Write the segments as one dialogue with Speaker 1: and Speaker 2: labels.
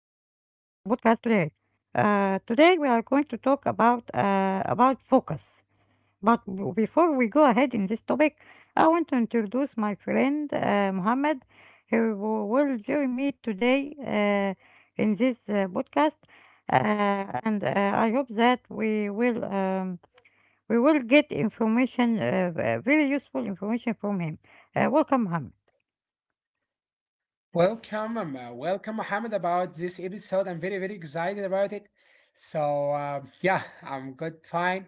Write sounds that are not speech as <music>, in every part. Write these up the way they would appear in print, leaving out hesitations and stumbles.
Speaker 1: today. Today we are going to talk about focus. But before we go ahead in this topic, I want to introduce my friend Mohammed, who will join me today in this podcast, and I hope that we will get information, very useful information from him. Welcome, Mohammed.
Speaker 2: Welcome, Mohammed, about this episode. I'm very, very excited about it. So, yeah, I'm good, fine.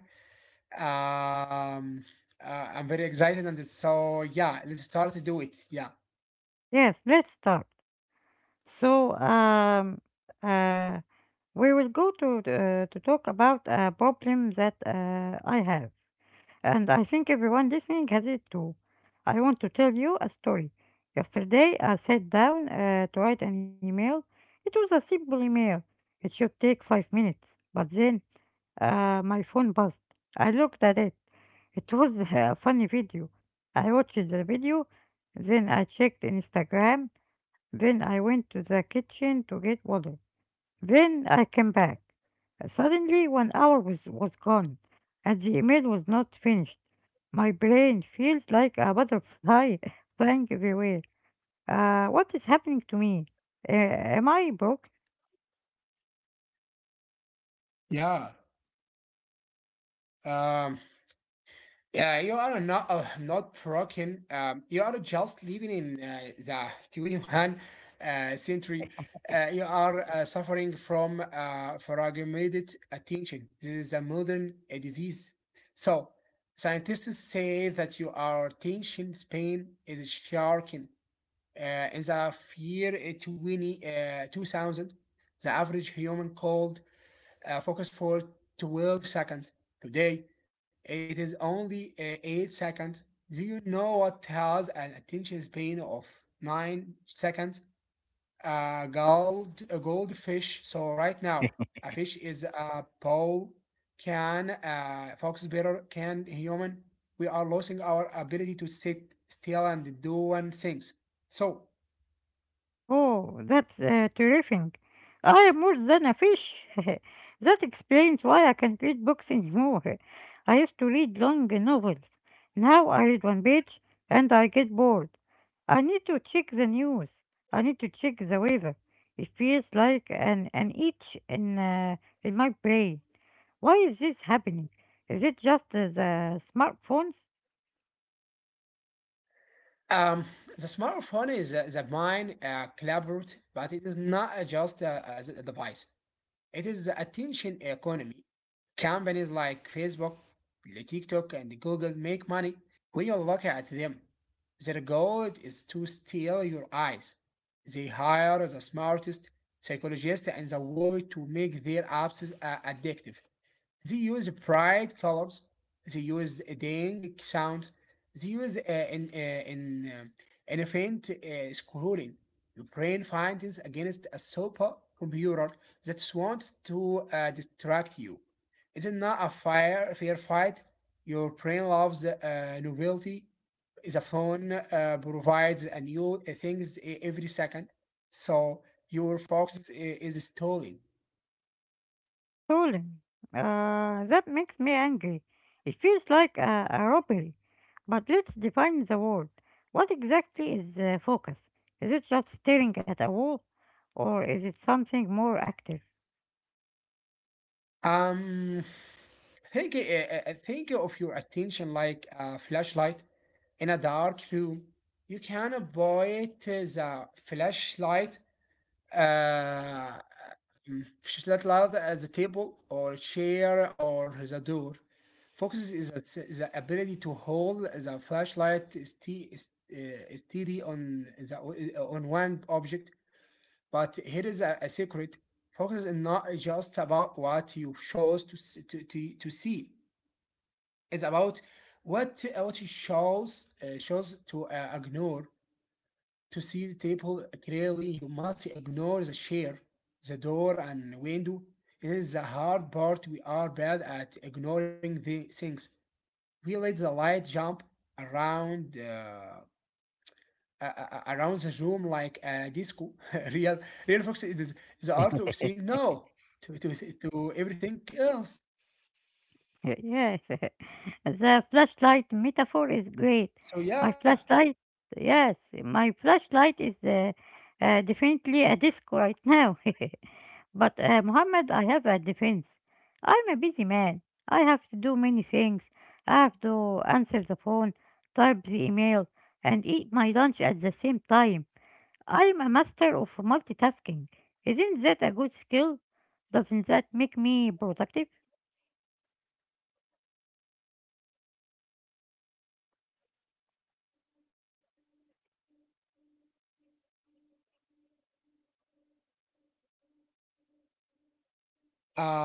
Speaker 2: Um, I'm very excited, and so, yeah, let's start to do it. Yeah,
Speaker 1: Yes, let's start. So, um, uh, we will go to talk about a problem that I have, and I think everyone listening has it too. I want to tell you a story. Yesterday, I sat down to write an email. It was a simple email. It should take 5 minutes, but then my phone buzzed. I looked at it. It was a funny video. I watched the video, then I checked Instagram. Then I went to the kitchen to get water. Then I came back. Suddenly, one hour was gone, and the email was not finished. My brain feels like a butterfly <laughs> flying everywhere. What is happening to me? Am I broke?
Speaker 2: yeah. Um, Yeah, you are not broken. You are just living in the 21st century. You are suffering from fragmented attention. This is a modern disease. So scientists say that your attention span is shrinking. In the year 2000, the average human called focus for 12 seconds. Today, it is only 8 seconds. Do you know what has an attention span of 9 seconds? A goldfish. So, right now, a fish is a pole. Can a fox better? Can a human? We are losing our ability to sit still and do one things. So,
Speaker 1: Oh, that's terrific. I am more than a fish. <laughs> That explains why I can't read books anymore. I used to read long novels. Now I read one page and I get bored. I need to check the news. I need to check the weather. It feels like an itch in my brain. Why is this happening? Is it just the smartphones?
Speaker 2: Um, the smartphone is is a mind collaborate, but it is not a just a device. It is the attention economy. Companies like Facebook, TikTok, and Google make money when you look at them. Their goal is to steal your eyes. They hire the smartest psychologists in the world to make their apps addictive. They use bright colors. They use a ding sound. They use an event scrolling. Your brain findings against a super computer that wants to distract you. It's not a fair fight. Your brain loves novelty. The phone provides a new things every second, so your focus is stolen.
Speaker 1: Stolen. That makes me angry. It feels like a robbery. But let's define the word. What exactly is focus? Is it just staring at a wall, or is it something more active?
Speaker 2: Um, think think of your attention like a flashlight in a dark room. You can point the flashlight uh, flashlight at the table or chair or the door. Focus is the ability to hold the flashlight steady on on one object, but here is a secret. Focus is not just about what you chose to see. It's about what you chose to ignore. To see the table clearly, you must ignore the chair, the door, and window. It is the hard part. We are bad at ignoring the things. We let the light jump around. Around the room like a disco. <laughs> Real, real fox it is the art of saying no to everything else.
Speaker 1: Y- yes, <laughs> the flashlight metaphor is great.
Speaker 2: So yeah,
Speaker 1: My flashlight, yes, my flashlight is definitely a disco right now. <laughs> But Muhammad, I have a defense. I'm a busy man. I have to do many things. I have to answer the phone, type the email, and eat my lunch at the same time. I'm a master of multitasking. Isn't that a good skill? Doesn't that make me productive?
Speaker 2: um,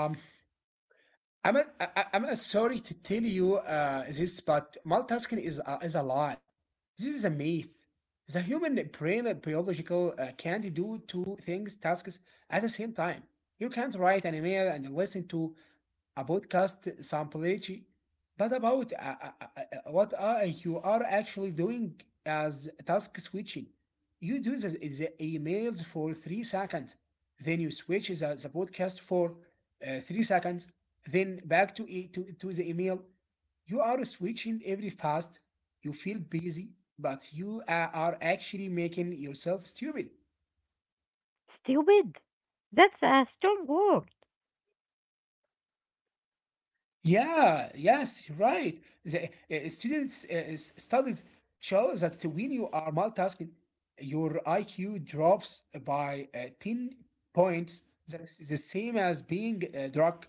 Speaker 2: I'm I'm a sorry to tell you this, but multitasking is is a lie. This is a myth. The human brain and biological can't do two things tasks at the same time. You can't write an email and listen to a podcast sample, but about what are you are actually doing as task switching. You do the emails for 3 seconds, then you switch the podcast for 3 seconds, then back to, e- to to the email. You are switching every fast. You feel busy, but you are actually making yourself stupid.
Speaker 1: Stupid? That's a strong word.
Speaker 2: Yeah, yes, right. The students' studies show that when you are multitasking, your IQ drops by 10 points. That's the same as being drunk.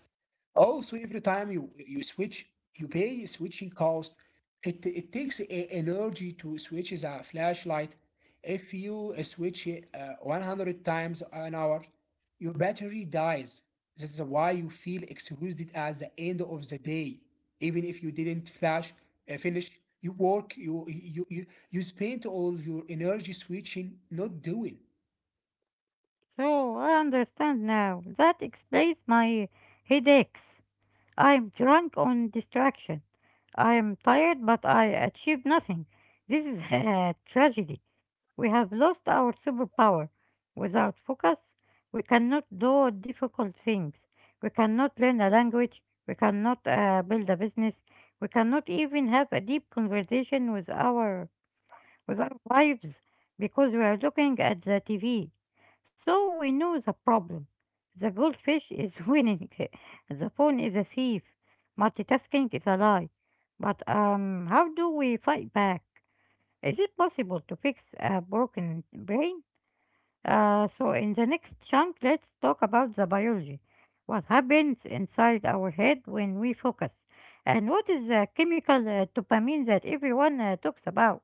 Speaker 2: Also, every time you switch, you pay switching cost. It takes a energy to switch the flashlight. If you switch it 100 times an hour, your battery dies. That's why you feel exhausted at the end of the day. Even if you didn't finish, you work, you spent all your energy switching, not doing.
Speaker 1: So I understand now. That explains my headaches. I'm drunk on distraction. I am tired, but I achieved nothing. This is <laughs> a tragedy. We have lost our superpower. Without focus, we cannot do difficult things. We cannot learn a language. We cannot build a business. We cannot even have a deep conversation with our lives because we are looking at the TV. So we know the problem. The goldfish is <laughs> winning. The phone is a thief. Multitasking is a lie. But how do we fight back? Is it possible to fix a broken brain? So in the next chunk, let's talk about the biology. What happens inside our head when we focus? And what is the chemical dopamine that everyone talks about?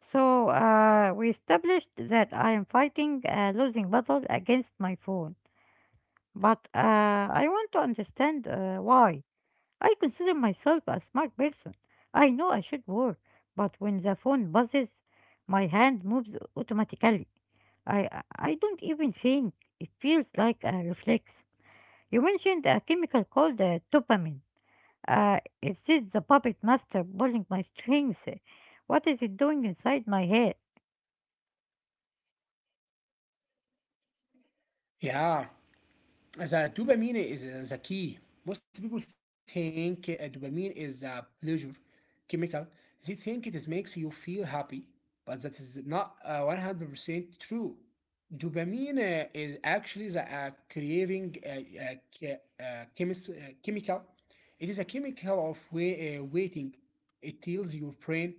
Speaker 1: So we established that I am fighting a losing battle against my phone. But I want to understand why. I consider myself a smart person. I know I should work, but when the phone buzzes, my hand moves automatically. I I I don't even think. It feels like a reflex. You mentioned a chemical called dopamine. Is this the puppet master pulling my strings? What is it doing inside my head?
Speaker 2: Yeah. The dopamine is the key. Most people think dopamine is a pleasure chemical. They think it is makes you feel happy, but that is not 100% true. Dopamine is actually the che- uh, chemical. It is a chemical of waiting. It tells your brain,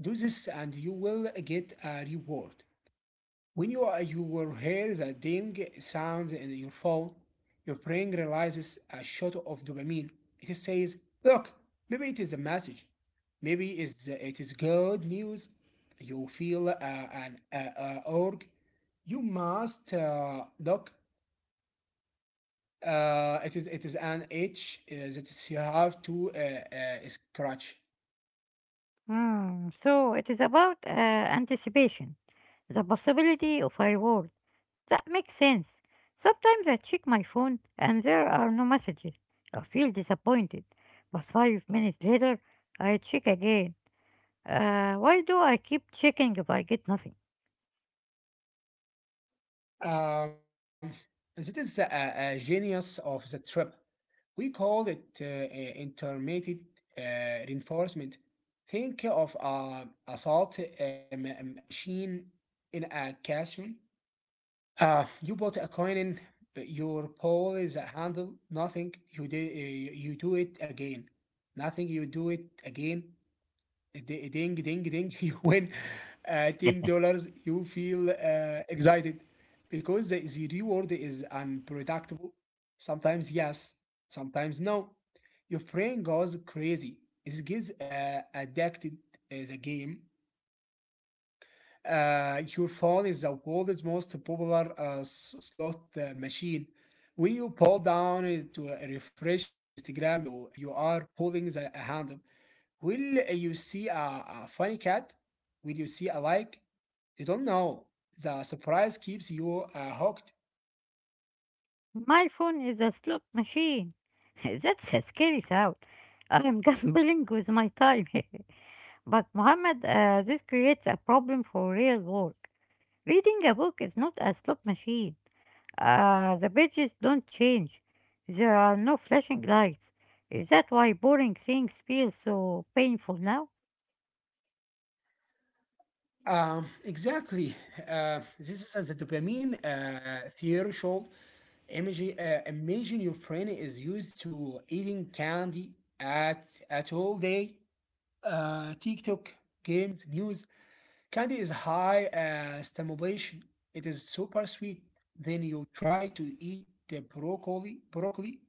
Speaker 2: do this and you will get a reward. When you will hear the ding sound in your phone, your brain realizes a shot of dopamine. It says, look, maybe it is a message. It is good news. You feel an org. You must look. It is an itch that you have to scratch.
Speaker 1: Hmm. So it is about anticipation, the possibility of a reward. That makes sense. Sometimes I check my phone and there are no messages. I feel disappointed. But 5 minutes later, I check again. Why do I keep checking if I get nothing?
Speaker 2: Um, This is a genius of the trip. We call it intermittent reinforcement. Think of a salt ma- m- a machine in a classroom. You put a coin in, but your pole is a handle. Nothing. You do it again. Nothing. You do it again, ding ding ding ding, <laughs> you win $10. You feel excited because the reward is unpredictable. Sometimes yes, sometimes no. Your brain goes crazy. It gets addicted as a game. Your phone is the world's most popular slot machine. When you pull down to refresh Instagram, you are pulling the handle. Will you see a funny cat? Will you see a like? You don't know. The surprise keeps you hooked.
Speaker 1: My phone is a slot machine. <laughs> That's a scary thought. I'm <laughs> gambling with my time. <laughs> But Mohammed, this creates a problem for real work. Reading a book is not a slot machine. The pages don't change. There are no flashing lights. Is that why boring things feel so painful now?
Speaker 2: Exactly. This is as a dopamine threshold. Imagine your brain is used to eating candy at all day. TikTok, games, news. Candy is high stimulation. It is super sweet. Then you try to eat the broccoli. Broccoli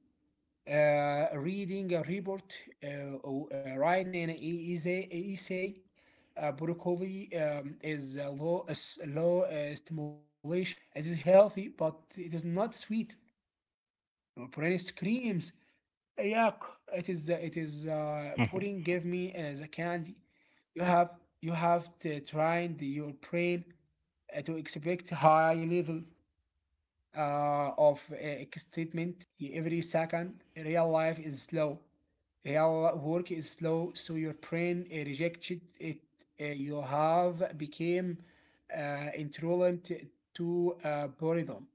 Speaker 2: uh, Reading a report, or writing an e- essay, e, essay. Broccoli is is low stimulation. It is healthy, but it is not sweet. My brain screams, yuck! It is pudding.
Speaker 1: <laughs>
Speaker 2: Give me the candy. You have you have to train your brain to expect high level of statement every second. Real life is slow. Real work is slow, so your brain rejected it. You have became intolerant to boredom.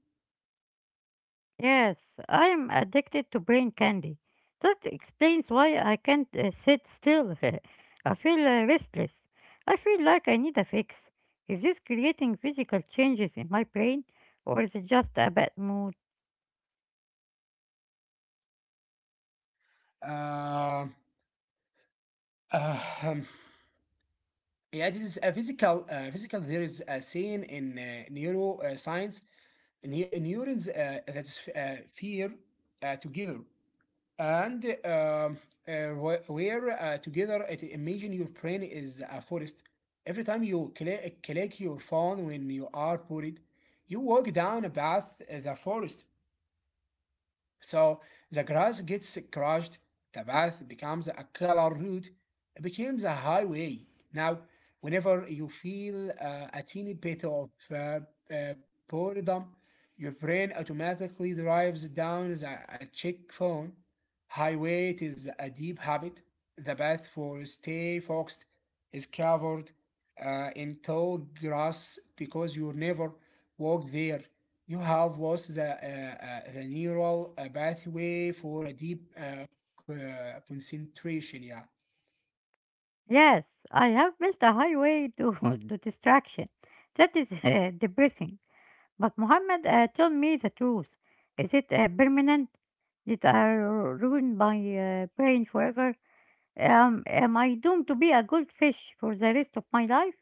Speaker 1: Yes, I am addicted to brain candy. That explains why I can't sit still. <laughs> I feel restless. I feel like I need a fix. Is this creating physical changes in my brain, or is it just a bad mood?
Speaker 2: Uh, uh, um, yeah, this is a physical. Physical. There is a scene in neuroscience. Uh, Neurons that's fear together and uh, where together it, imagine your brain is a forest. Every time you click your phone when you are bored, you walk down a path the forest. So the grass gets crushed, the path becomes a color route, it becomes a highway. Now, whenever you feel a teeny bit of uh, boredom, your brain automatically drives down the a check phone. Highway it is a deep habit. The path for stay focused is covered in tall grass because you never walked there. You have lost the neural pathway for a deep concentration. Yeah.
Speaker 1: Yes, I have built a highway to, <laughs> to distraction. That is <laughs> depressing. But Muhammad, tell me the truth. Is it permanent? Did I ruin my brain forever? Am I doomed to be a goldfish for the rest of my life?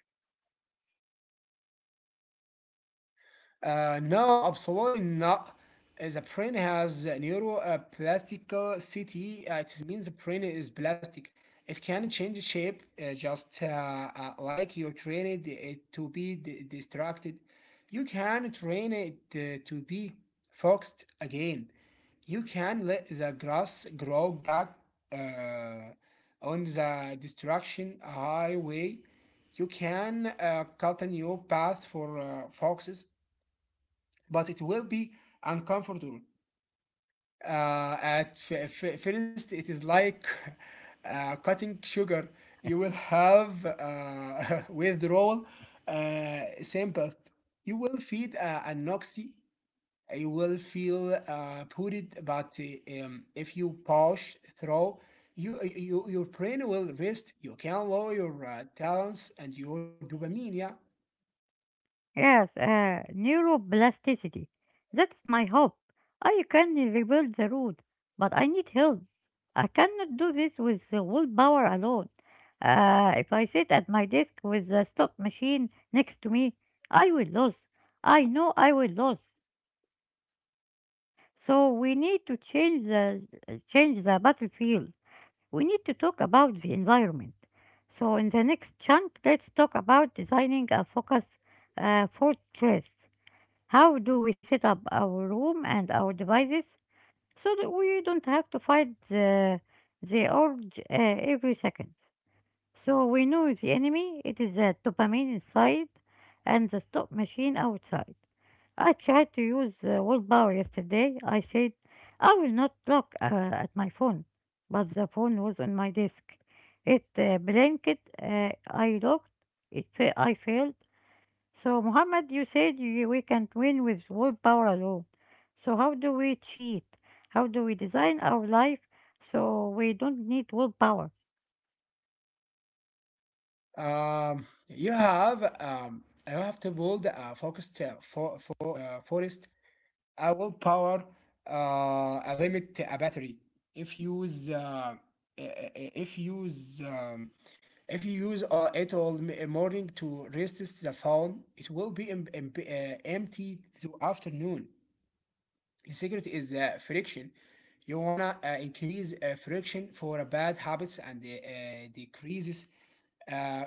Speaker 2: No, absolutely not. The brain has a neuroplasticity. It means the brain is plastic. It can change shape just like you train it to be distracted. You can train it to be focused again. You can let the grass grow back uh, on the destruction highway. You can cut a new path for foxes, but it will be uncomfortable. First, it is like <laughs> cutting sugar. You will have <laughs> withdrawal symptoms. You will feel anoxy. You will feel putrid, but if you push through, your brain will rest. You can lower your talents and your dopamine. Yeah.
Speaker 1: Yes, neuroplasticity. That's my hope. I can rebuild the road, but I need help. I cannot do this with the willpower alone. If I sit at my desk with the stop machine next to me, I will lose. I know I will lose. So we need to change the battlefield. We need to talk about the environment. So in the next chunk, let's talk about designing a focus fortress. How do we set up our room and our devices so that we don't have to fight the urge every second? So we know the enemy, it is the dopamine inside and the stop machine outside. I tried to use willpower yesterday. I said, I will not look at my phone, but the phone was on my desk. It blinked, I looked, I failed. So, Muhammad, you said we can't win with willpower alone. So, how do we cheat? How do we design our life so we don't need willpower?
Speaker 2: You have to build a focused forest. I will power a limit a battery. If you use uh, if you use um, if you use morning to resist the phone, it will be empty through afternoon. Secret is friction. You wanna increase friction for a bad habits and decreases uh,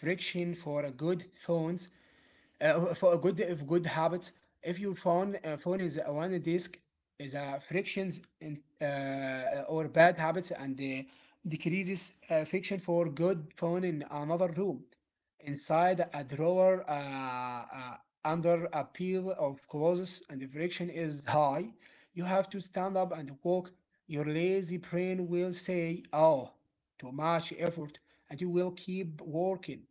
Speaker 2: friction for a good tones. For a good if good habits, if your phone is a one disk is a frictions in, or bad habits and decreases friction for good phone in another room, inside a drawer under a pile of clothes and the friction is high. You have to stand up and walk. Your lazy brain will say, "Oh, too much effort," and you will keep working.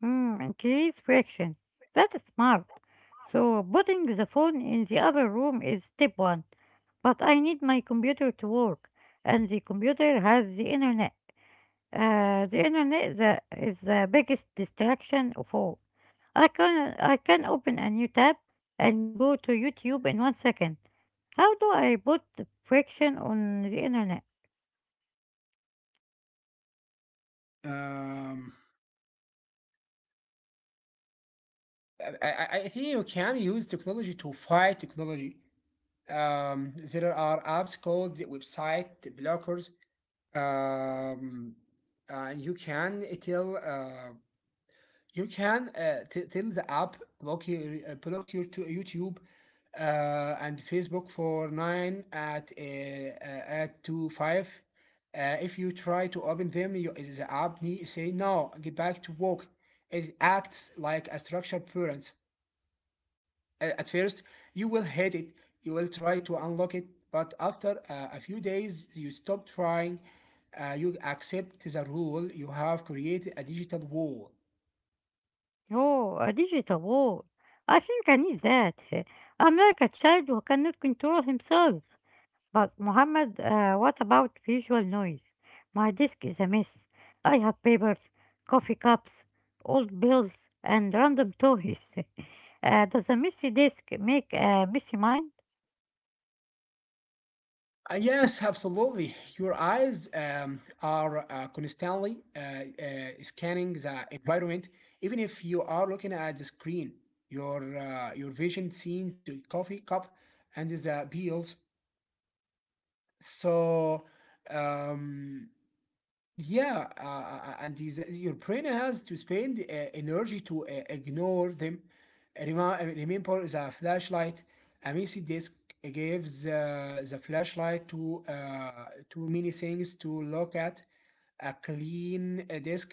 Speaker 1: Mm, increase friction. That is smart. So putting the phone in the other room is step one. But I need my computer to work, and the computer has the internet. The internet is the biggest distraction of all. I can open a new tab and go to YouTube in 1 second. How do I put friction on the internet?
Speaker 2: Um, I think you can use technology to fight technology. There are apps called website blockers. Um, you can tell you can tell the app block your, block your to YouTube and Facebook for nine at 2:5. If you try to open them, you, the app need say no. Get back to work. It acts like a structured parent. At first, you will hate it, you will try to unlock it, but after a few days, you stop trying, you accept the rule, you have created a digital wall.
Speaker 1: Oh, a digital wall. I think I need that. <laughs> I'm like a child who cannot control himself. But Mohammed, what about visual noise? My desk is a mess. I have papers, coffee cups, old bills, and random toys. <laughs> Does a messy desk make a messy mind?
Speaker 2: Yes, absolutely. Your eyes are constantly scanning the environment. Even if you are looking at the screen, your vision sees the coffee cup and the bills. So um, yeah, and is, your brain has to spend energy to ignore them. Remember the flashlight. A messy disk gives the flashlight to too many things to look at. A clean disk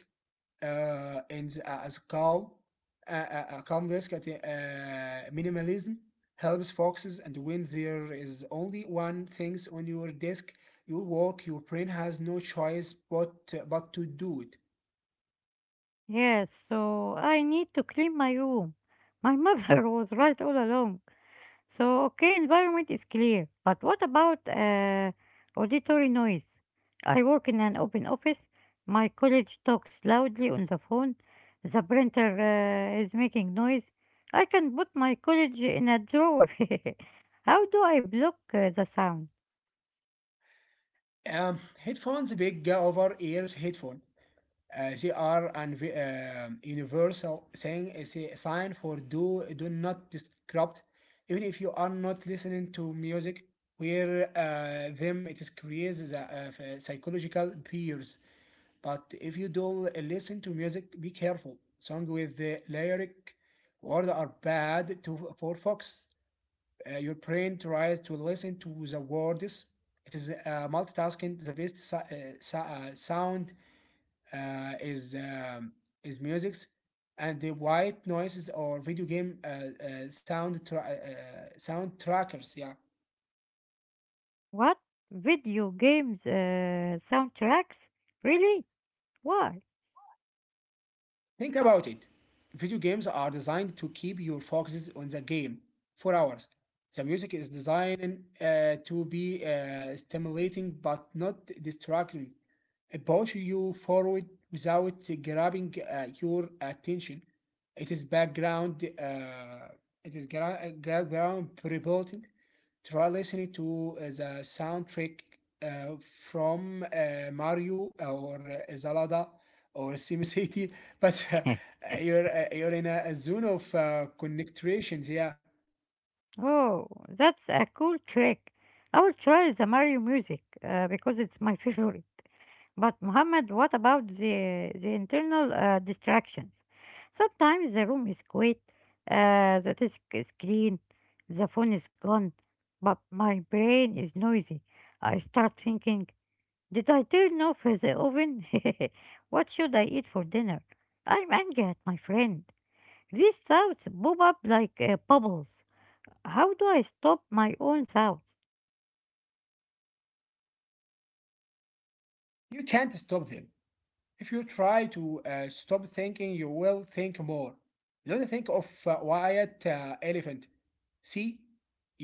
Speaker 2: and as calm, calm risk at minimalism helps foxes. And when there is only one things on your desk, your work, your brain has no choice but to do it.
Speaker 1: Yes, so I need to clean my room. My mother <laughs> was right all along. So, okay, environment is clear, but what about auditory noise? I work in an open office, my colleague talks loudly on the phone, the printer is making noise. I can put my colleague in a drawer. <laughs> How do I block the sound?
Speaker 2: Headphones, big over ears headphone. They are an universal saying is a sign for do not disrupt even if you are not listening to music where them it is creates the, psychological peers, but if you do listen to music, be careful. Song with the lyric word are bad to for fox. Your brain tries to listen to the words. It is multitasking. The best sound uh, is um, is musics and the white noises or video game sound sound trackers. Yeah,
Speaker 1: What? Video games soundtracks? Really? Why?
Speaker 2: think about it. Video games are designed to keep your focuses on the game for hours. The music is designed to be stimulating but not distracting, push you forward without grabbing your attention. It is background. It is background reporting. Try listening to the soundtrack uh, from Mario or Zelda or SimCity, <laughs> but you're in a zone of connections. Yeah,
Speaker 1: Oh, that's a cool trick. I will try the Mario music because it's my <laughs> favorite. But Mohammed, what about the internal distractions? Sometimes the room is quiet, the desk is clean, the phone is gone, but my brain is noisy. I start thinking, did I turn off the oven? <laughs> What should I eat for dinner? I'm angry at my friend. These thoughts bob up like bubbles. How do I stop my own thoughts?
Speaker 2: you can't stop them. If you try to stop thinking, you will think more. Don't think of a white elephant. See,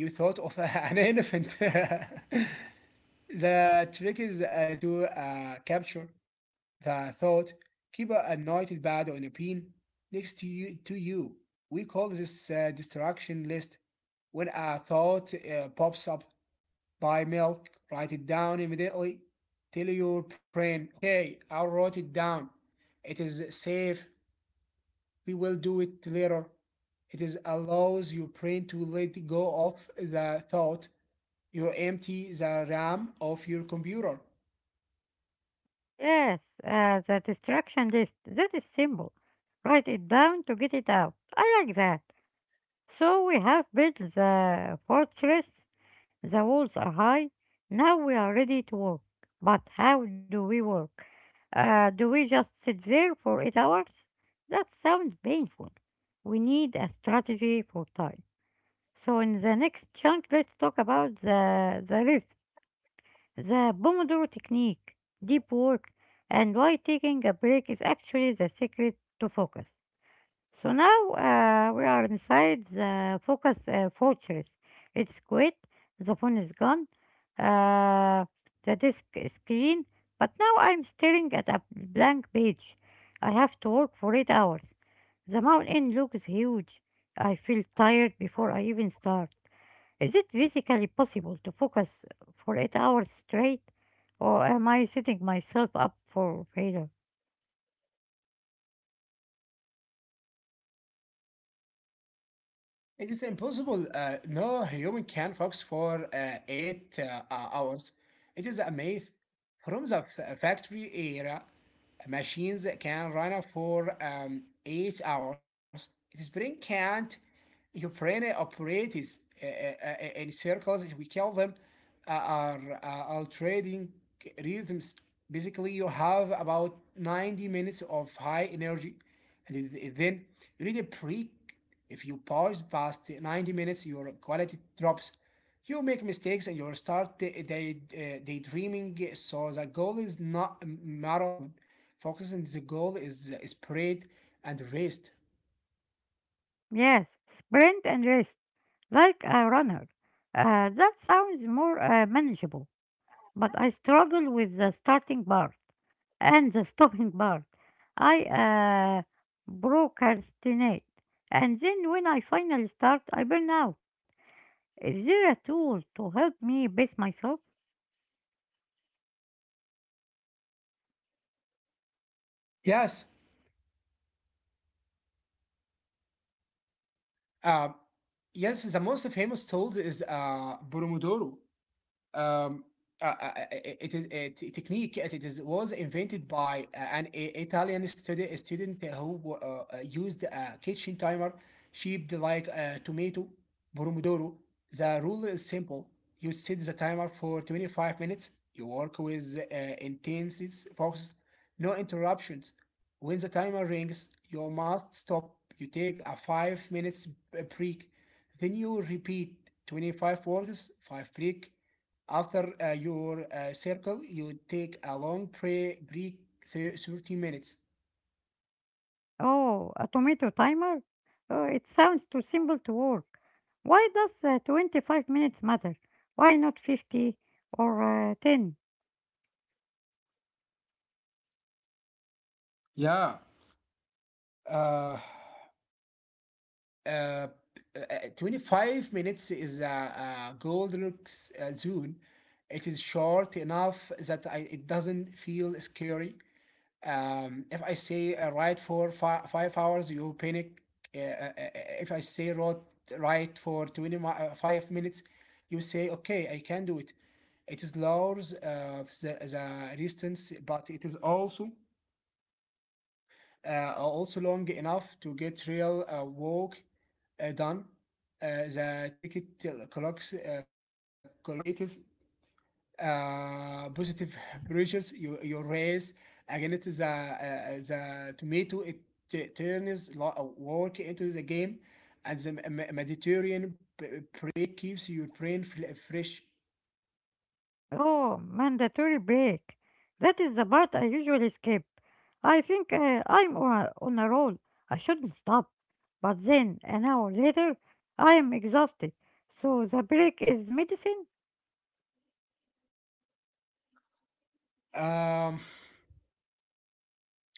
Speaker 2: you thought of <laughs> an elephant. <laughs> The trick is to capture the thought. Keep a notepad on a pin next to you. We call this distraction list. When a thought pops up, buy milk, write it down immediately. Tell your brain, okay, I wrote it down. It is safe. We will do it later. It is allows your brain to let go of the thought. You empty the RAM of your computer.
Speaker 1: Yes, the distraction list. That is simple. Write it down to get it out. I like that. So we have built the fortress. The walls are high. Now we are ready to work. But how do we work? Do we just sit there for 8 hours? That sounds painful. We need a strategy for time. So in the next chunk, let's talk about the rhythm. The Pomodoro technique, deep work, and why taking a break is actually the secret to focus. So now we are inside the focus fortress. It's quit, the phone is gone, uh, the disk is clean, but now I'm staring at a blank page. I have to work for 8 hours. The mountain looks huge. I feel tired before I even start. Is it physically possible to focus for 8 hours straight, or am I setting myself up for failure?
Speaker 2: It is impossible. No human can focus for eight hours. It is a myth. From the factory era, machines can run for 8 hours. Spring can't. Your brain operates in circles. We call them are alternating rhythms. Basically, you have about 90 minutes of high energy, and then you need a break. If you pause past 90 minutes, your quality drops. You make mistakes and you start daydreaming. So the goal is not a marathon. Focusing the goal is spread and rest.
Speaker 1: Yes, sprint and rest, like a runner. That sounds more manageable, but I struggle with the starting part and the stopping part. I procrastinate, and then when I finally start, I burn out. Is there a tool to help me pace myself?
Speaker 2: Yes. Uh, yes, the most famous tool is Pomodoro. um, it is a technique. It is was invented by Italian student who used a kitchen timer shaped like a tomato, pomodoro. The rule is simple: you set the timer for 25 minutes. You work with intense focus, no interruptions. When the timer rings, you must stop. You take a 5 minutes break. Then you repeat 25 words, five break, after your circle, you take a long pray break, 30 minutes.
Speaker 1: Oh, a tomato timer? Oh, it sounds too simple to work. Why does 25 minutes matter? Why not 50 or 10?
Speaker 2: Yeah. Uh, Uh, 25 minutes is a Goldilocks zone. It is short enough that I, it doesn't feel scary. If I say write for fi 5 hours, you panic. Uh, uh, uh, uh, if I say wrote, write for 25 minutes, you say, okay, I can do it. It is lowers the distance, but it is also also long enough to get real work done. The ticket clock clock creates positive pressures you, you raise against the tomato. It turns work into the game, and the Mediterranean break keeps your brain fresh.
Speaker 1: Oh, mandatory break. That is the part I usually skip. I'm on a roll. I shouldn't stop. But then, an hour later, I am exhausted. So the break is medicine?
Speaker 2: um,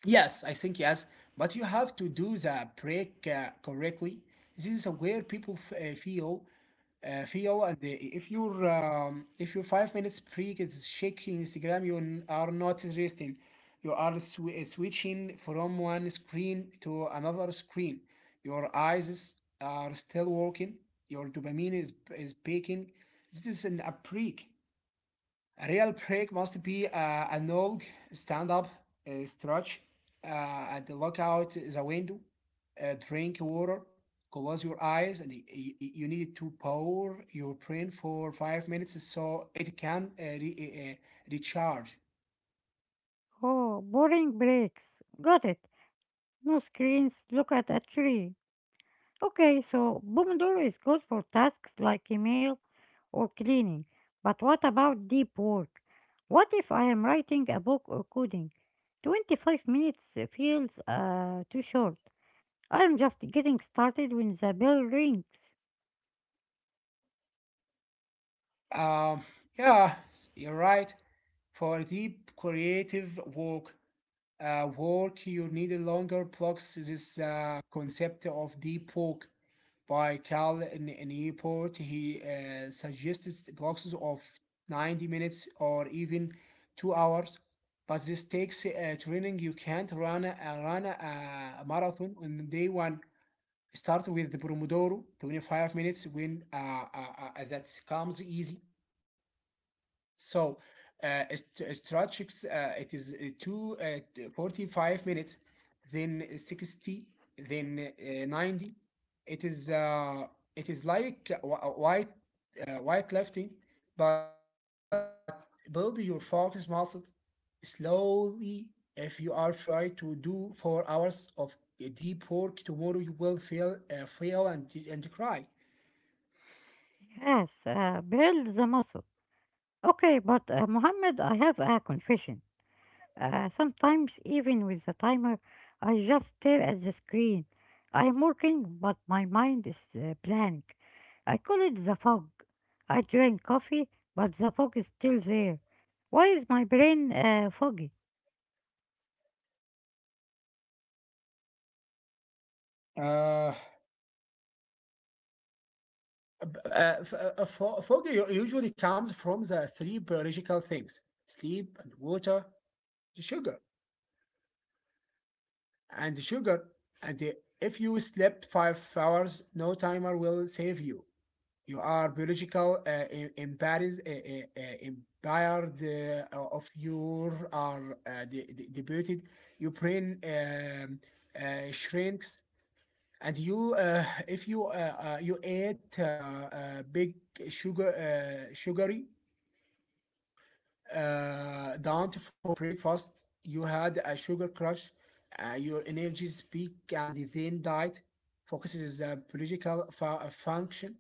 Speaker 2: Yes, I think yes, but you have to do the break correctly. This is where people feel, and if you're if your 5 minutes break is shaking Instagram, you are not resting. You are switching from one screen to another screen. Your are still working. Your dopamine is peaking. This is a break. A real break must be a long stand up, stretch and look out the window, drink water, close your eyes, and you need to power your brain for 5 minutes so it can recharge.
Speaker 1: Oh, boring breaks. Got it. No screens, look at a tree. Okay, so Pomodoro is good for tasks like email or cleaning. But what about deep work? What if I am writing a book or coding? 25 minutes feels too short. I am just getting started when the bell rings.
Speaker 2: Um, yeah, you're right. For deep creative work, you need longer blocks. This concept of deep work by Cal in Newport. He suggests blocks of 90 minutes or even 2 hours, but this takes training. You can't run a marathon on day one. Start with the Pomodoro, 25 minutes when uh, that comes easy. So, strategics, it is 45 minutes, then 60, then 90. It is uh, it is like white lifting, but build your focus muscle slowly. If you are trying to do 4 hours of deep work tomorrow, you will feel fail and cry.
Speaker 1: Yes, build the muscle. Okay, but Mohammed, I have a confession. Sometimes, even with the timer, I just stare at the screen. I'm working, but my mind is blank. I call it the fog. I drink coffee, but the fog is still there. Why is my brain foggy?
Speaker 2: Uh, Uh, f- uh, Phobia usually comes from the three biological things: sleep and water, the sugar and the sugar, and the- if you slept 5 hours, no timer will save you. You are biological impaired of your are debuted. Your brain shrinks, and you if you you ate big sugar sugary down for breakfast. You had a sugar crush. Your energies peak and then diet. Focus is a biological function.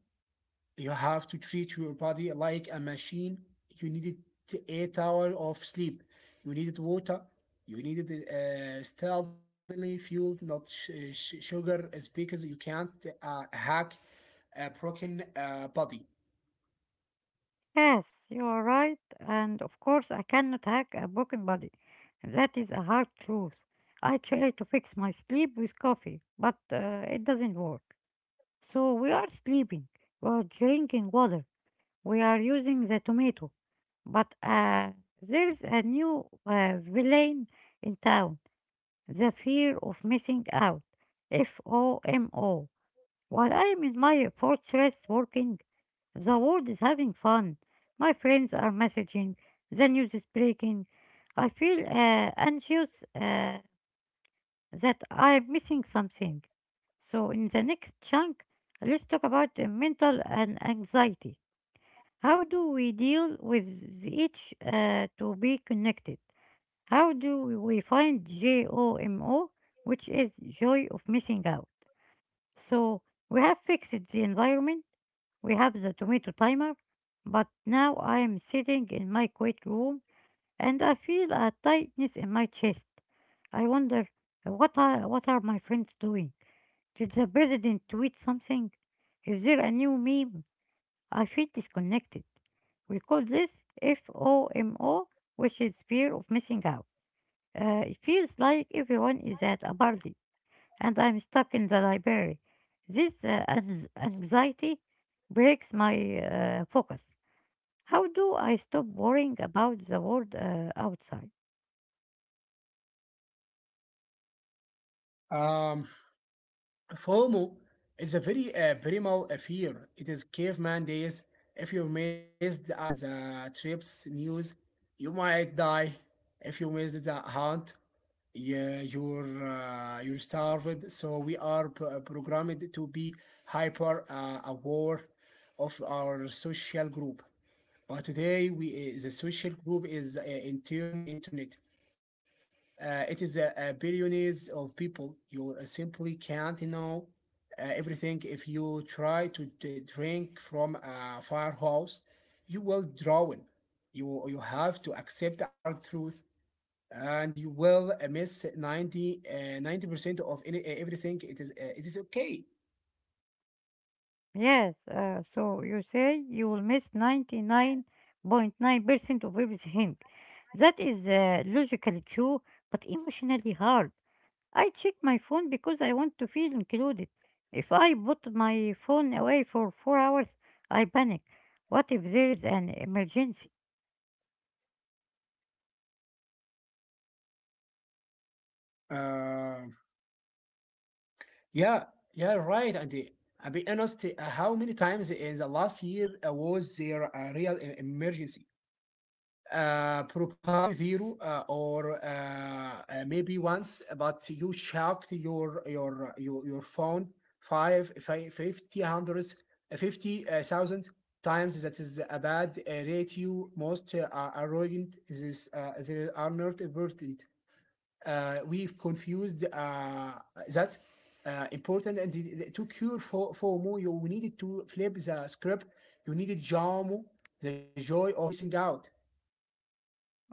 Speaker 2: You have to treat your body like a machine. You needed 8 hours of sleep. You needed water. You needed steadily fueled, not sugar, is because you can't hack a broken body.
Speaker 1: Yes, you are right, and of course, I cannot hack a broken body. That is a hard truth. I try to fix my sleep with coffee, but it doesn't work. So we are sleeping, we are drinking water, we are using the tomato, but there's a new villain in town, the fear of missing out. FOMO. While I am in my fortress working, the world is having fun. My friends are messaging, the news is breaking. I feel anxious that I'm missing something. So, in the next chunk, let's talk about mental and anxiety. How do we deal with each to be connected? How do we find JOMO, which is joy of missing out? So we have fixed the environment, we have the tomato timer, but now I am sitting in my quiet room and I feel a tightness in my chest. I wonder, what are my friends doing? Did the president tweet something? Is there a new meme? I feel disconnected. We call this FOMO, which is fear of missing out. It feels like everyone is at a party and I'm stuck in the library. This anxiety breaks my focus. How do I stop worrying about the world outside?
Speaker 2: Um, FOMO is a very primal fear. It is caveman days. If you missed out on the trip's news, you might die. If you missed the hunt, yeah, you're starved. So we are programmed to be hyper aware of our social group. But today, we the social group is internet. It is a billions of people. You simply can't know everything. If you try to drink from a firehouse, you will drown. You have to accept a hard truth, and you will miss 90 90% of any, everything. It is okay.
Speaker 1: Yes, so you say you will miss 99.9% of everything. That is logically true, but emotionally hard. I check my phone because I want to feel included. If I put my phone away for 4 hours, I panic. What if there is an emergency?
Speaker 2: Uh, Yeah, yeah, right. And I'll be honest, how many times in the last year was there a real emergency? Probably zero, or maybe once. But you checked your phone 550 hundreds, 50 thousand times. That is a bad rate. You most are ruined. This they are not important. We've confused that important, and the- to cure for FOMO, you needed to flip the script. You needed JOMO, the joy of missing out.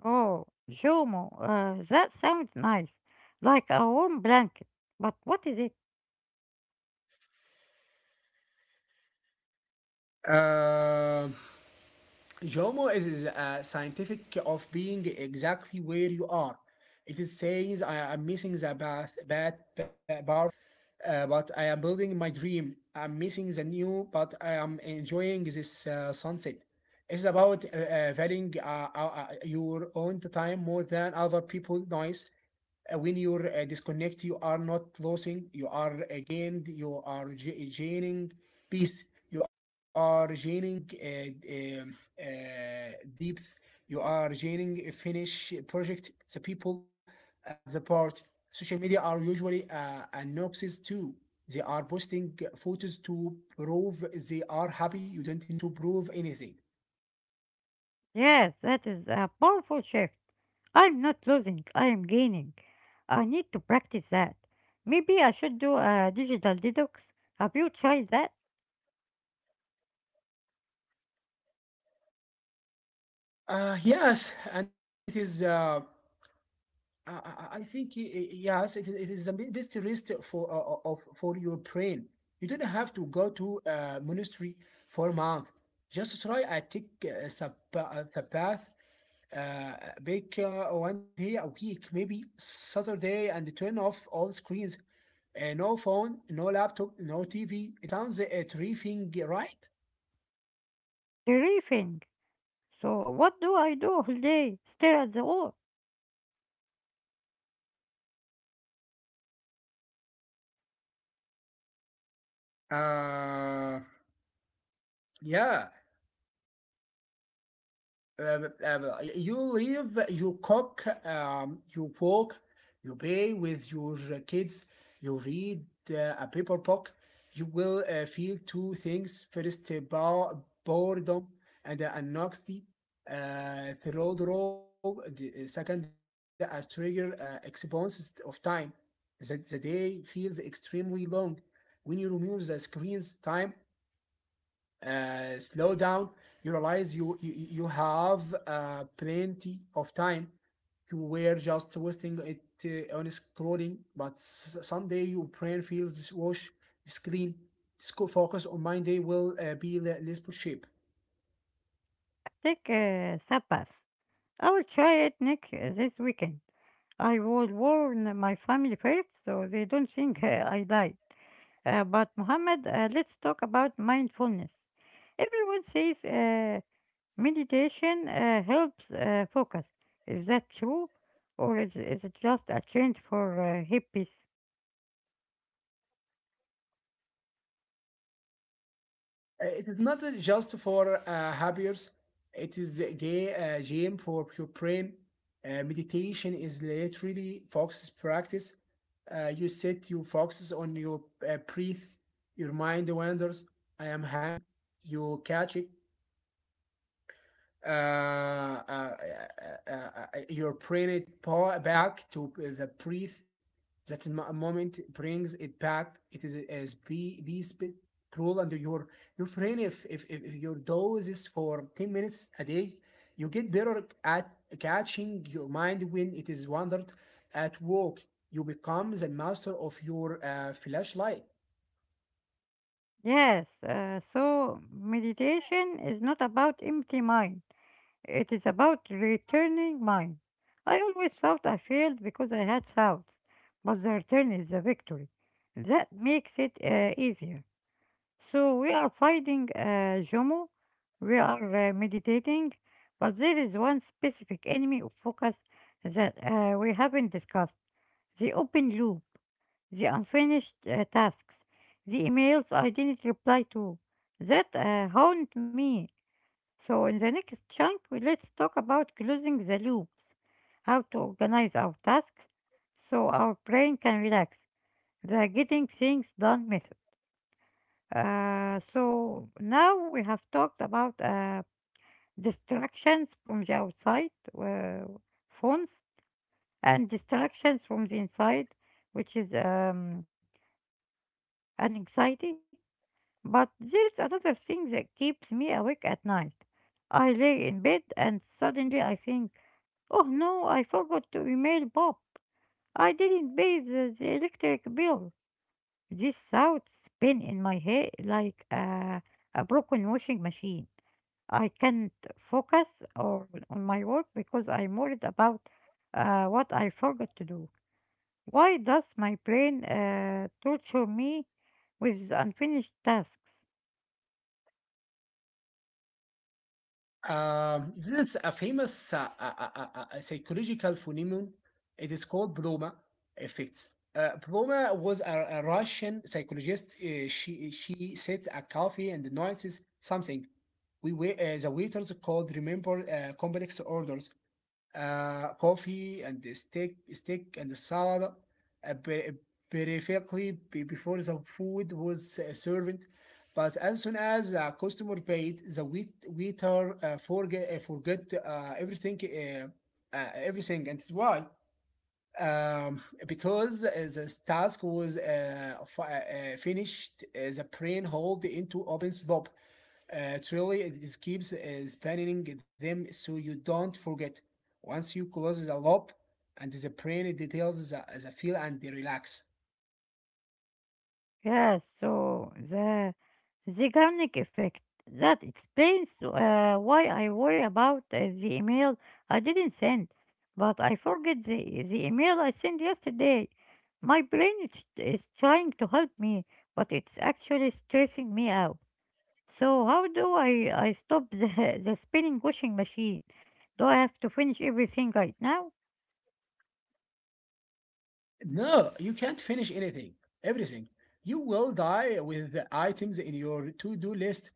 Speaker 1: Oh, Jomo, that sounds nice, like a warm blanket. But what is it?
Speaker 2: Uh, JOMO is scientific of being exactly where you are. It is saying I am missing the bad party, but I am building my dream. I'm missing the new, but I am enjoying this sunset. It's about valuing your own time more than other people's noise. When you're disconnected, you are not losing. You are gained. You are ge- gaining peace. You are gaining depth. You are gaining finish project. The people at the part. Social media are usually a too. They are posting photos to prove they are happy. You don't need to prove anything.
Speaker 1: Yes, that is a powerful shift. I'm not losing, I am gaining. I need to practice that. Maybe I should do a digital detox. Have you tried that?
Speaker 2: Yes, and it is I think yes, it is the best rest for of for your brain. You don't have to go to a monastery for a month. Just try take sabbath, uh, make one day a week, maybe Saturday, and turn off all screens. No phone, no laptop, no TV. It sounds terrific, right?
Speaker 1: Briefing. So what do I do all day? Stare at the wall.
Speaker 2: Uh, yeah. uh, uh, you live, you cook, you walk, you play with your kids, you read a paper book, you will feel two things. First, boredom and anxiety. Third row, the Second, a trigger expanse of time. The day feels extremely long. When you remove the screens, time slow down. You realize you have plenty of time. You were just wasting it on scrolling, but someday your brain feels this wash, this clean, this focus on mind. They will be less shape.
Speaker 1: Take a Sabbath. I will try it next this weekend. I will warn my family first so they don't think I died. But Muhammad, let's talk about mindfulness. Everyone says meditation helps focus. Is that true, or is it just a trend for hippies?
Speaker 2: It is not just for happiers. It is a game for your brain. Meditation is literally focus practice. You sit, you focus on your breath. Your mind wanders. I am hungry. You catch it, uh, uh, uh, your brain power back to the breath. That moment brings it back. It is as be cruel under your brain. If your dose is for 10 minutes a day, you get better at catching your mind when it is wandered at work. You become the master of your flashlight.
Speaker 1: Yes. So meditation is not about empty mind. It is about returning mine. I always thought I failed because I had doubts, but the return is the victory. That makes it easier. So we are fighting Jomo, we are meditating, but there is one specific enemy of focus that we haven't discussed the open loop, the unfinished tasks, the emails I didn't reply to. That haunt me. So, in the next chunk, let's talk about closing the loops, how to organize our tasks so our brain can relax, the getting things done method. So, now we have talked about distractions from the outside, uh, phones, and distractions from the inside, which is an anxiety. But there's another thing that keeps me awake at night. I lay in bed and suddenly I think, oh no, I forgot to email Bob. I didn't pay the electric bill. This thought spin in my head like a broken washing machine. I can't focus on my work because I'm worried about what I forgot to do. Why does my brain torture me with unfinished tasks?
Speaker 2: This is a famous psychological phenomenon. It is called Bloma effects. Bloma was a Russian psychologist. She said a coffee and notices something. We were, the waiters called remember complex orders, coffee and the steak, steak and the salad, uh, per- perfectly before the food was served. But as soon as the customer paid, the waiter forget everything, everything. And it's why, um, because this task was finished, the brain hold into open slope. Truly, it is keeps spanning them so you don't forget. Once you close the loop, and the brain details the feel, and they relax.
Speaker 1: Yeah, so the Zeigarnik effect that explains why I worry about the email I didn't send, but I forget the email I sent yesterday. My brain is trying to help me, but it's actually stressing me out. So how do I stop the <laughs> the spinning washing machine? Do I have to finish everything right now?
Speaker 2: No, you can't finish everything. You will die with the items in your to-do list.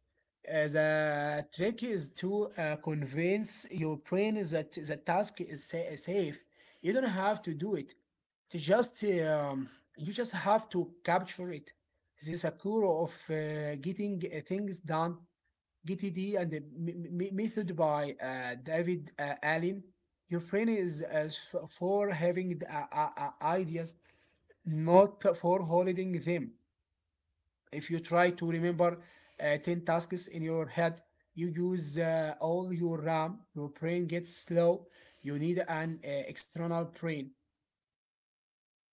Speaker 2: The trick is to convince your brain that the task is safe. You don't have to do it. To just You just have to capture it. This is a core of getting things done. GTD and the method by David Allen. Your brain is as for having the, ideas, not for holding them. If you try to remember 10 tasks in your head, you use all your RAM. Your brain gets slow. You need an external brain.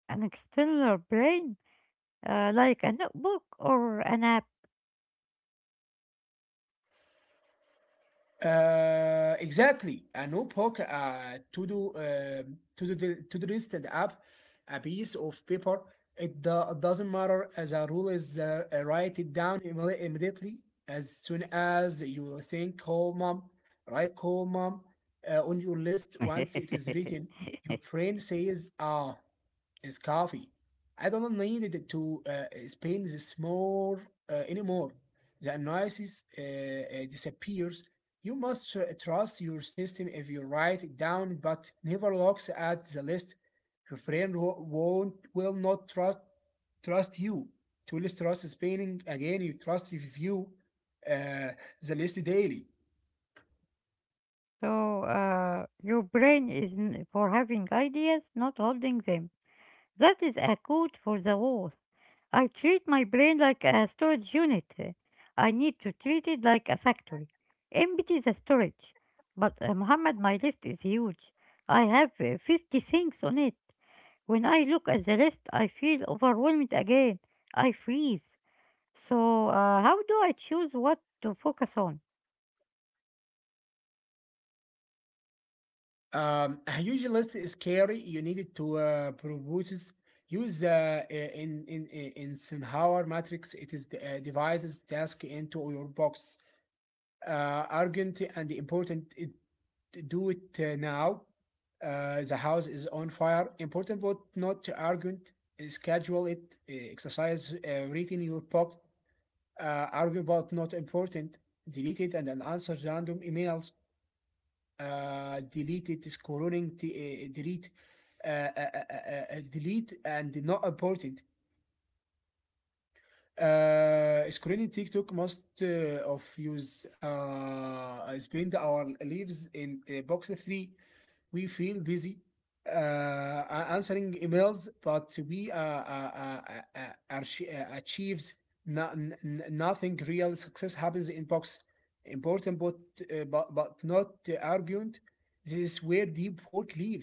Speaker 1: An external brain, like a notebook or an app?
Speaker 2: Exactly. A notebook, the to-do list and app, a piece of paper. It doesn't matter. As a rule is, write it down immediately. As soon as you think call mom, write call mom on your list. Once it is written,
Speaker 1: <laughs>
Speaker 2: your brain says, ah, it's coffee. I don't need it to spend this more, anymore. The analysis disappears. You must trust your system. If you write it down, but never looks at the list, your friend wo- won't will not trust you. To list trust spending again, you trust if you uh, the list daily.
Speaker 1: So, your brain is for having ideas, not holding them. That is a code for the wall. I treat my brain like a storage unit. I need to treat it like a factory. Empty the storage. But, Muhammad, my list is huge. I have 50 things on it. When I look at the list, I feel overwhelmed again. I freeze. So, how do I choose what to focus on?
Speaker 2: A huge list is scary. You needed to propose use in Eisenhower matrix. It is the, divides task into your box. Urgent and important. It, do it now. The house is on fire. Important but not urgent. Schedule it. Exercise. Read in your book. Argue about not important. Delete it, and then answer random emails. Delete it. Scrolling. Delete. Delete and not important. Screening TikTok must of use spend our lives in box three. We feel busy uh, answering emails, but we uh, achieves nothing real. Success happens in box. Important, but but not argument. This is where deep work lives.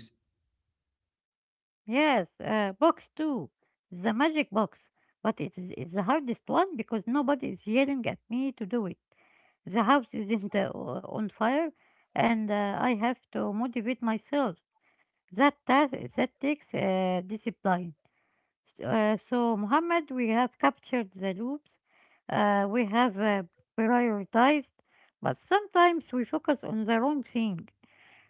Speaker 1: Yes, box two, the magic box. But it's the hardest one because nobody is yelling at me to do it. The house isn't on fire, and I have to motivate myself. That task that takes discipline. So, Muhammad, we have captured the loops. We have prioritized, but sometimes we focus on the wrong thing.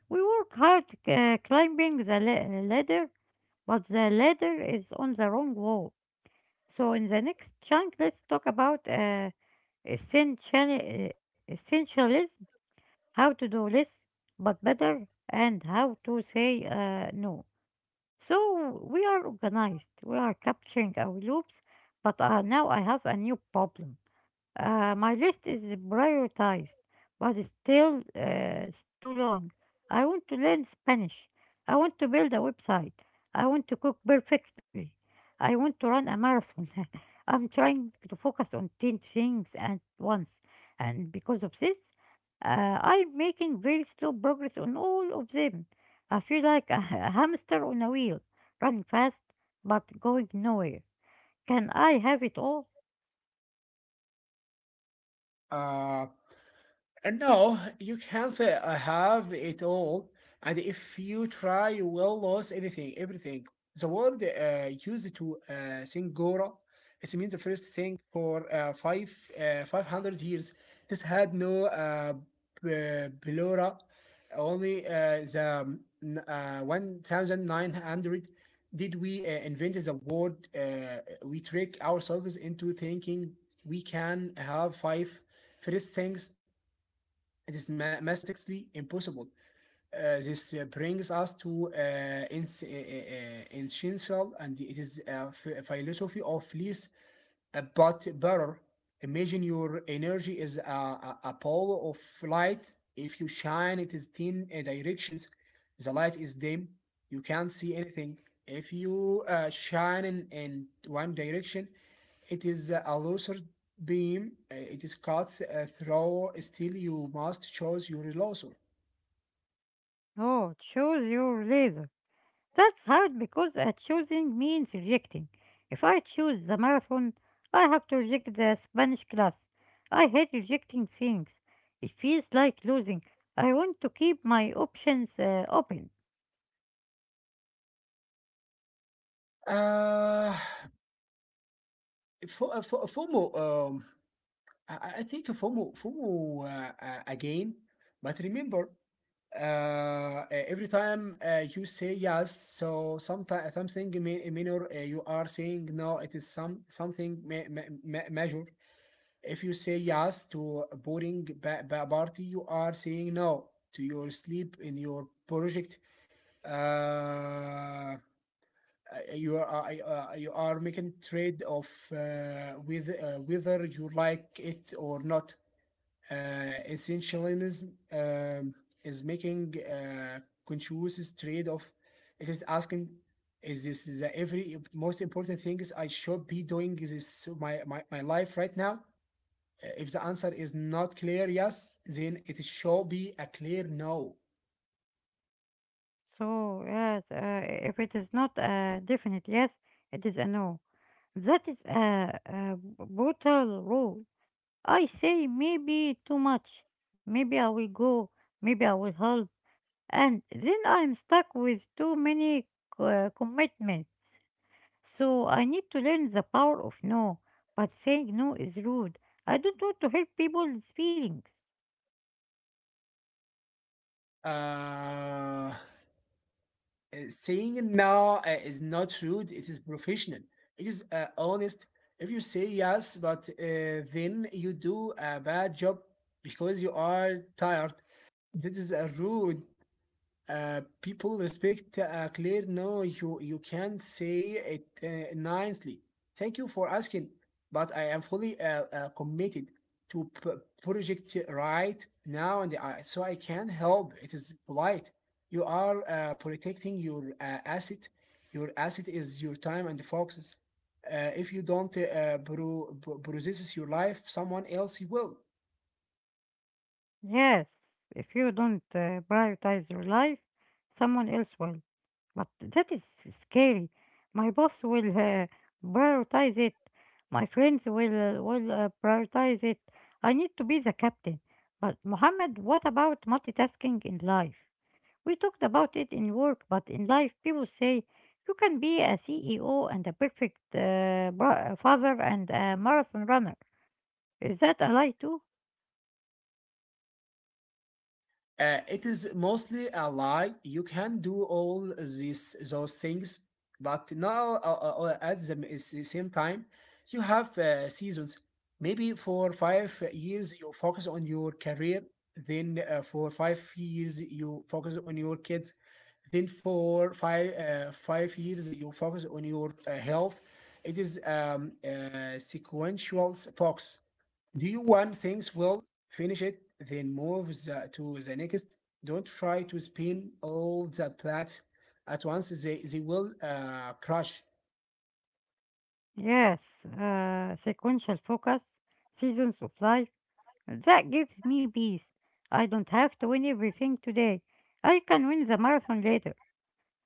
Speaker 1: We work hard climbing the ladder, but the ladder is on the wrong wall. So in the next chunk, let's talk about essentialism, how to do less but better, and how to say no. So we are organized, we are capturing our loops, but now I have a new problem. My list is prioritized, but it's too long. I want to learn Spanish. I want to build a website. I want to cook perfectly. I want to run a marathon. <laughs> I'm trying to focus on 10 things at once. And because of this, I'm making very slow progress on all of them. I feel like a <laughs> a hamster on a wheel, running fast but going nowhere. Can I have it all?
Speaker 2: Uh, No, you can't have it all. And if you try, you will lose everything. The word used to Singora, it means the first thing for five 500 years. This had no p- plura. Only 1900 did we invent the word. We trick ourselves into thinking we can have five first things. It is mathematically impossible. This brings us to essential, and it is a philosophy of least but better. Imagine your energy is a ball of light. If you shine it is 10 directions, the light is dim, you can't see anything. If you shine in one direction, it is a laser beam. It is cuts through. Still, you must choose your laser.
Speaker 1: Oh, choose your laser. That's hard because choosing means rejecting. If I choose the marathon, I have to reject the Spanish class. I hate rejecting things. It feels like losing. I want to keep my options open.
Speaker 2: Uh, FOMO. I think FOMO again, but remember, every time you say yes, so sometimes something minor, you are saying no. It is something major. If you say yes to a boring party, you are saying no to your sleep in your project. Uh, you are making trade of with, whether you like it or not, essentialism is making a conscious trade-off. It is asking, is this the every most important thing is I should be doing this my life right now? If the answer is not clear yes, then it should be a clear no.
Speaker 1: So, yes, if it is not a definite yes, it is a no. That is a brutal rule. I say maybe too much. Maybe I will go. Maybe I will help, and then I'm stuck with too many commitments. So I need to learn the power of no, but saying no is rude. I don't want to hurt people's feelings.
Speaker 2: Uh, Saying no is not rude, it is professional, it is honest. If you say yes, but then you do a bad job because you are tired, this is a rude. People respect Claire. No, you can say it nicely. Thank you for asking, but I am fully committed to project right now, and I, so I can help. It is polite. You are protecting your asset. Your asset is your time and focuses. If you don't process your life, someone else will.
Speaker 1: Yes, if you don't prioritize your life, someone else will. But that is scary. My boss will prioritize it. My friends will prioritize it. I need to be the captain. But Mohammed, what about multitasking in life? We talked about it in work, but in life, people say you can be a CEO and a perfect father and a marathon runner. Is that a lie too?
Speaker 2: It is mostly a lie. You can do all these those things, but now at the is the same time, you have seasons. Maybe for 5 years you focus on your career, then for 5 years you focus on your kids, then for 5 years you focus on your health. It is sequential focus. Do you want things will finish it, then move to the next? Don't try to spin all the plates at once. They will crash.
Speaker 1: Yes, sequential focus, seasons of life. That gives me peace. I don't have to win everything today. I can win the marathon later.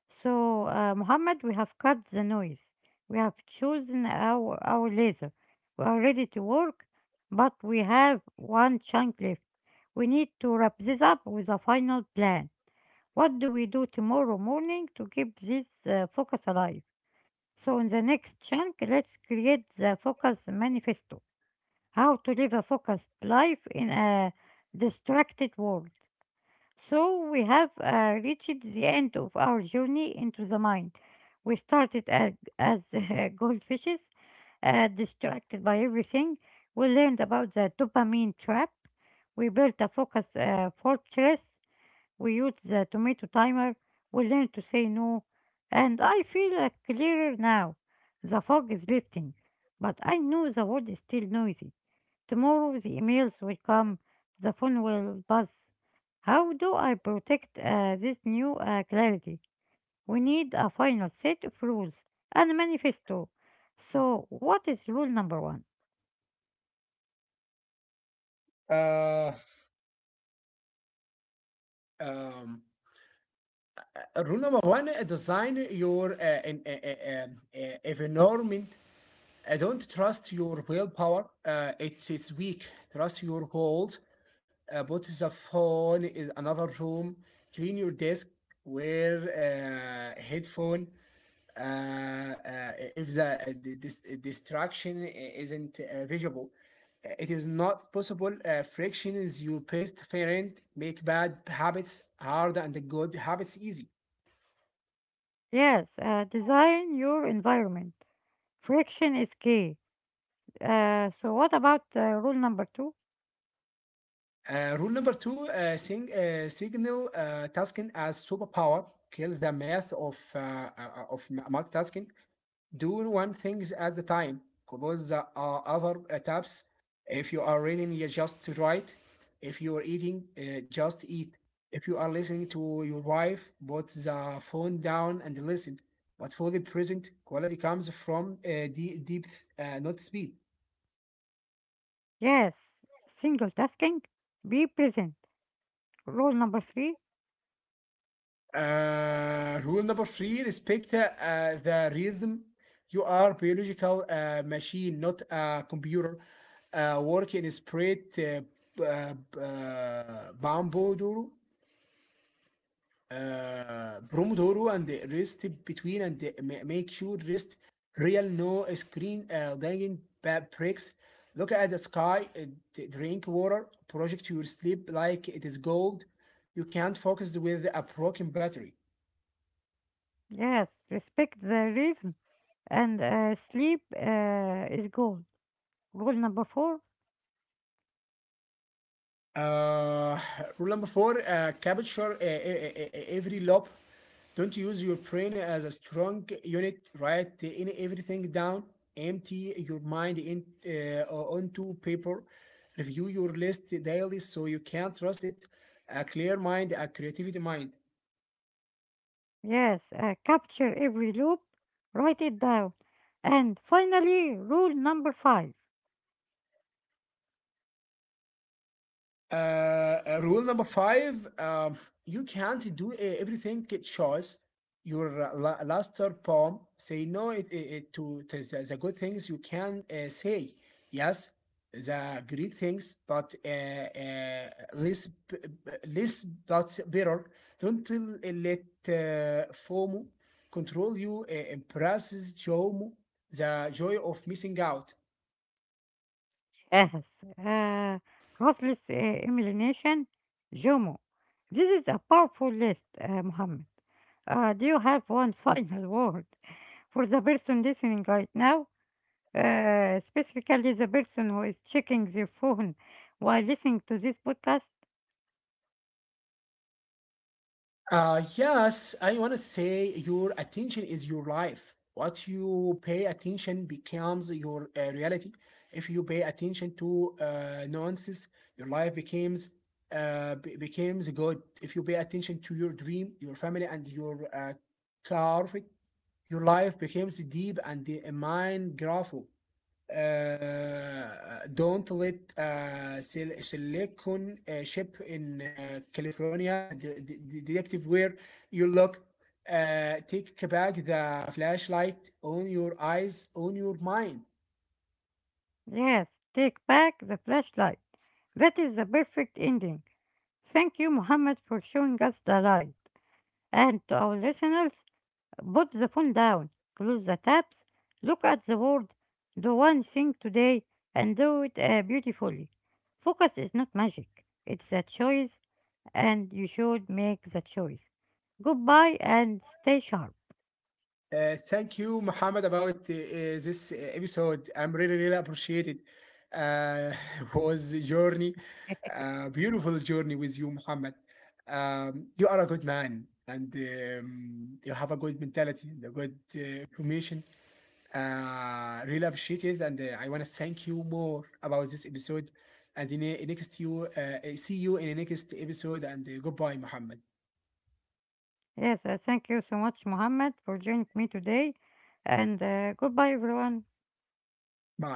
Speaker 1: So, Muhammad, we have cut the noise. We have chosen our laser. We are ready to work, but we have one chunk left. We need to wrap this up with a final plan. What do we do tomorrow morning to keep this focus alive? So, in the next chunk, let's create the focus manifesto. How to live a focused life in a distracted world. So we have reached the end of our journey into the mind. We started as <laughs> goldfishes, distracted by everything. We learned about the dopamine trap. We built a focus fortress. We used the tomato timer. We learned to say no. And I feel clearer now. The fog is lifting, but I know the world is still noisy. Tomorrow the emails will come, the phone will buzz. How do I protect this new clarity? We need a final set of rules and a manifesto. So, what is rule number one?
Speaker 2: Uh, um, Rule number one: design your en- uh, uh, um, uh, environment. Don't trust your willpower. It is weak. Trust your goals. Put the phone in another room. Clean your desk. Wear headphone uh, if the distraction isn't visible. It is not possible. Frictions you past parent make bad habits hard and good habits easy.
Speaker 1: Yes, design your environment. Friction is key. So, what about rule number two?
Speaker 2: Rule number two: signal tasking as superpower. Kill the myth of multitasking. Do one things at the time. Close the other tabs. If you are reading, you just write. If you are eating, just eat. If you are listening to your wife, put the phone down and listen. But for the present, quality comes from depth, not speed.
Speaker 1: Yes, single tasking. Be present. Rule number three.
Speaker 2: Rule number three: respect the rhythm. You are biological machine, not a computer. Work in spread Pomodoro, Pomodoro, and rest between, and make sure rest real, no screen dangling bad breaks. Look at the sky, drink water, project your sleep like it is gold. You can't focus with a broken battery.
Speaker 1: Yes, respect the rhythm and sleep is gold. Rule number four,
Speaker 2: Uh, Rule number four: capture every loop. Don't use your brain as a strong unit. Write in everything down. Empty your mind in onto paper. Review your list daily so you can trust it. A clear mind, a creativity mind.
Speaker 1: yes, capture every loop, write it down. And finally, rule number five,
Speaker 2: Rule number five: you can't do everything at choice. Your last third poem say no it to the good things. You can say yes the great things, but less but better. Don't let FOMO control you. Impresses show the joy of missing out.
Speaker 1: yes, uh, ruthless elimination, JOMO. This is a powerful list, Mohammed. Do you have one <laughs> final word for the person listening right now? Specifically, the person who is checking their phone while listening to this podcast?
Speaker 2: Yes, I want to say your attention is your life. What you pay attention becomes your reality. If you pay attention to nuances, your life becomes becomes good. If you pay attention to your dream, your family, and your car, your life becomes deep and mind graphic. Don't let silicon ship in California <laughs> detective where you look. Take back the flashlight on your eyes, on your mind.
Speaker 1: Yes, take back the flashlight. That is the perfect ending. Thank you, Mohammed, for showing us the light. And to our listeners, put the phone down, close the tabs, look at the world, do one thing today, and do it beautifully. Focus is not magic, it's a choice, and you should make the choice. Goodbye and stay sharp.
Speaker 2: Thank you, Muhammad, about this episode. I'm really appreciate it. Uh, <laughs> was a journey, beautiful journey with you, Muhammad. You are a good man, and you have a good mentality, and a good information. Really appreciate it, and I want to thank you more about this episode. And next see you in the next episode. And goodbye, Muhammad.
Speaker 1: Yes, thank you so much, Mohammed, for joining me today. And goodbye, everyone.
Speaker 2: Bye.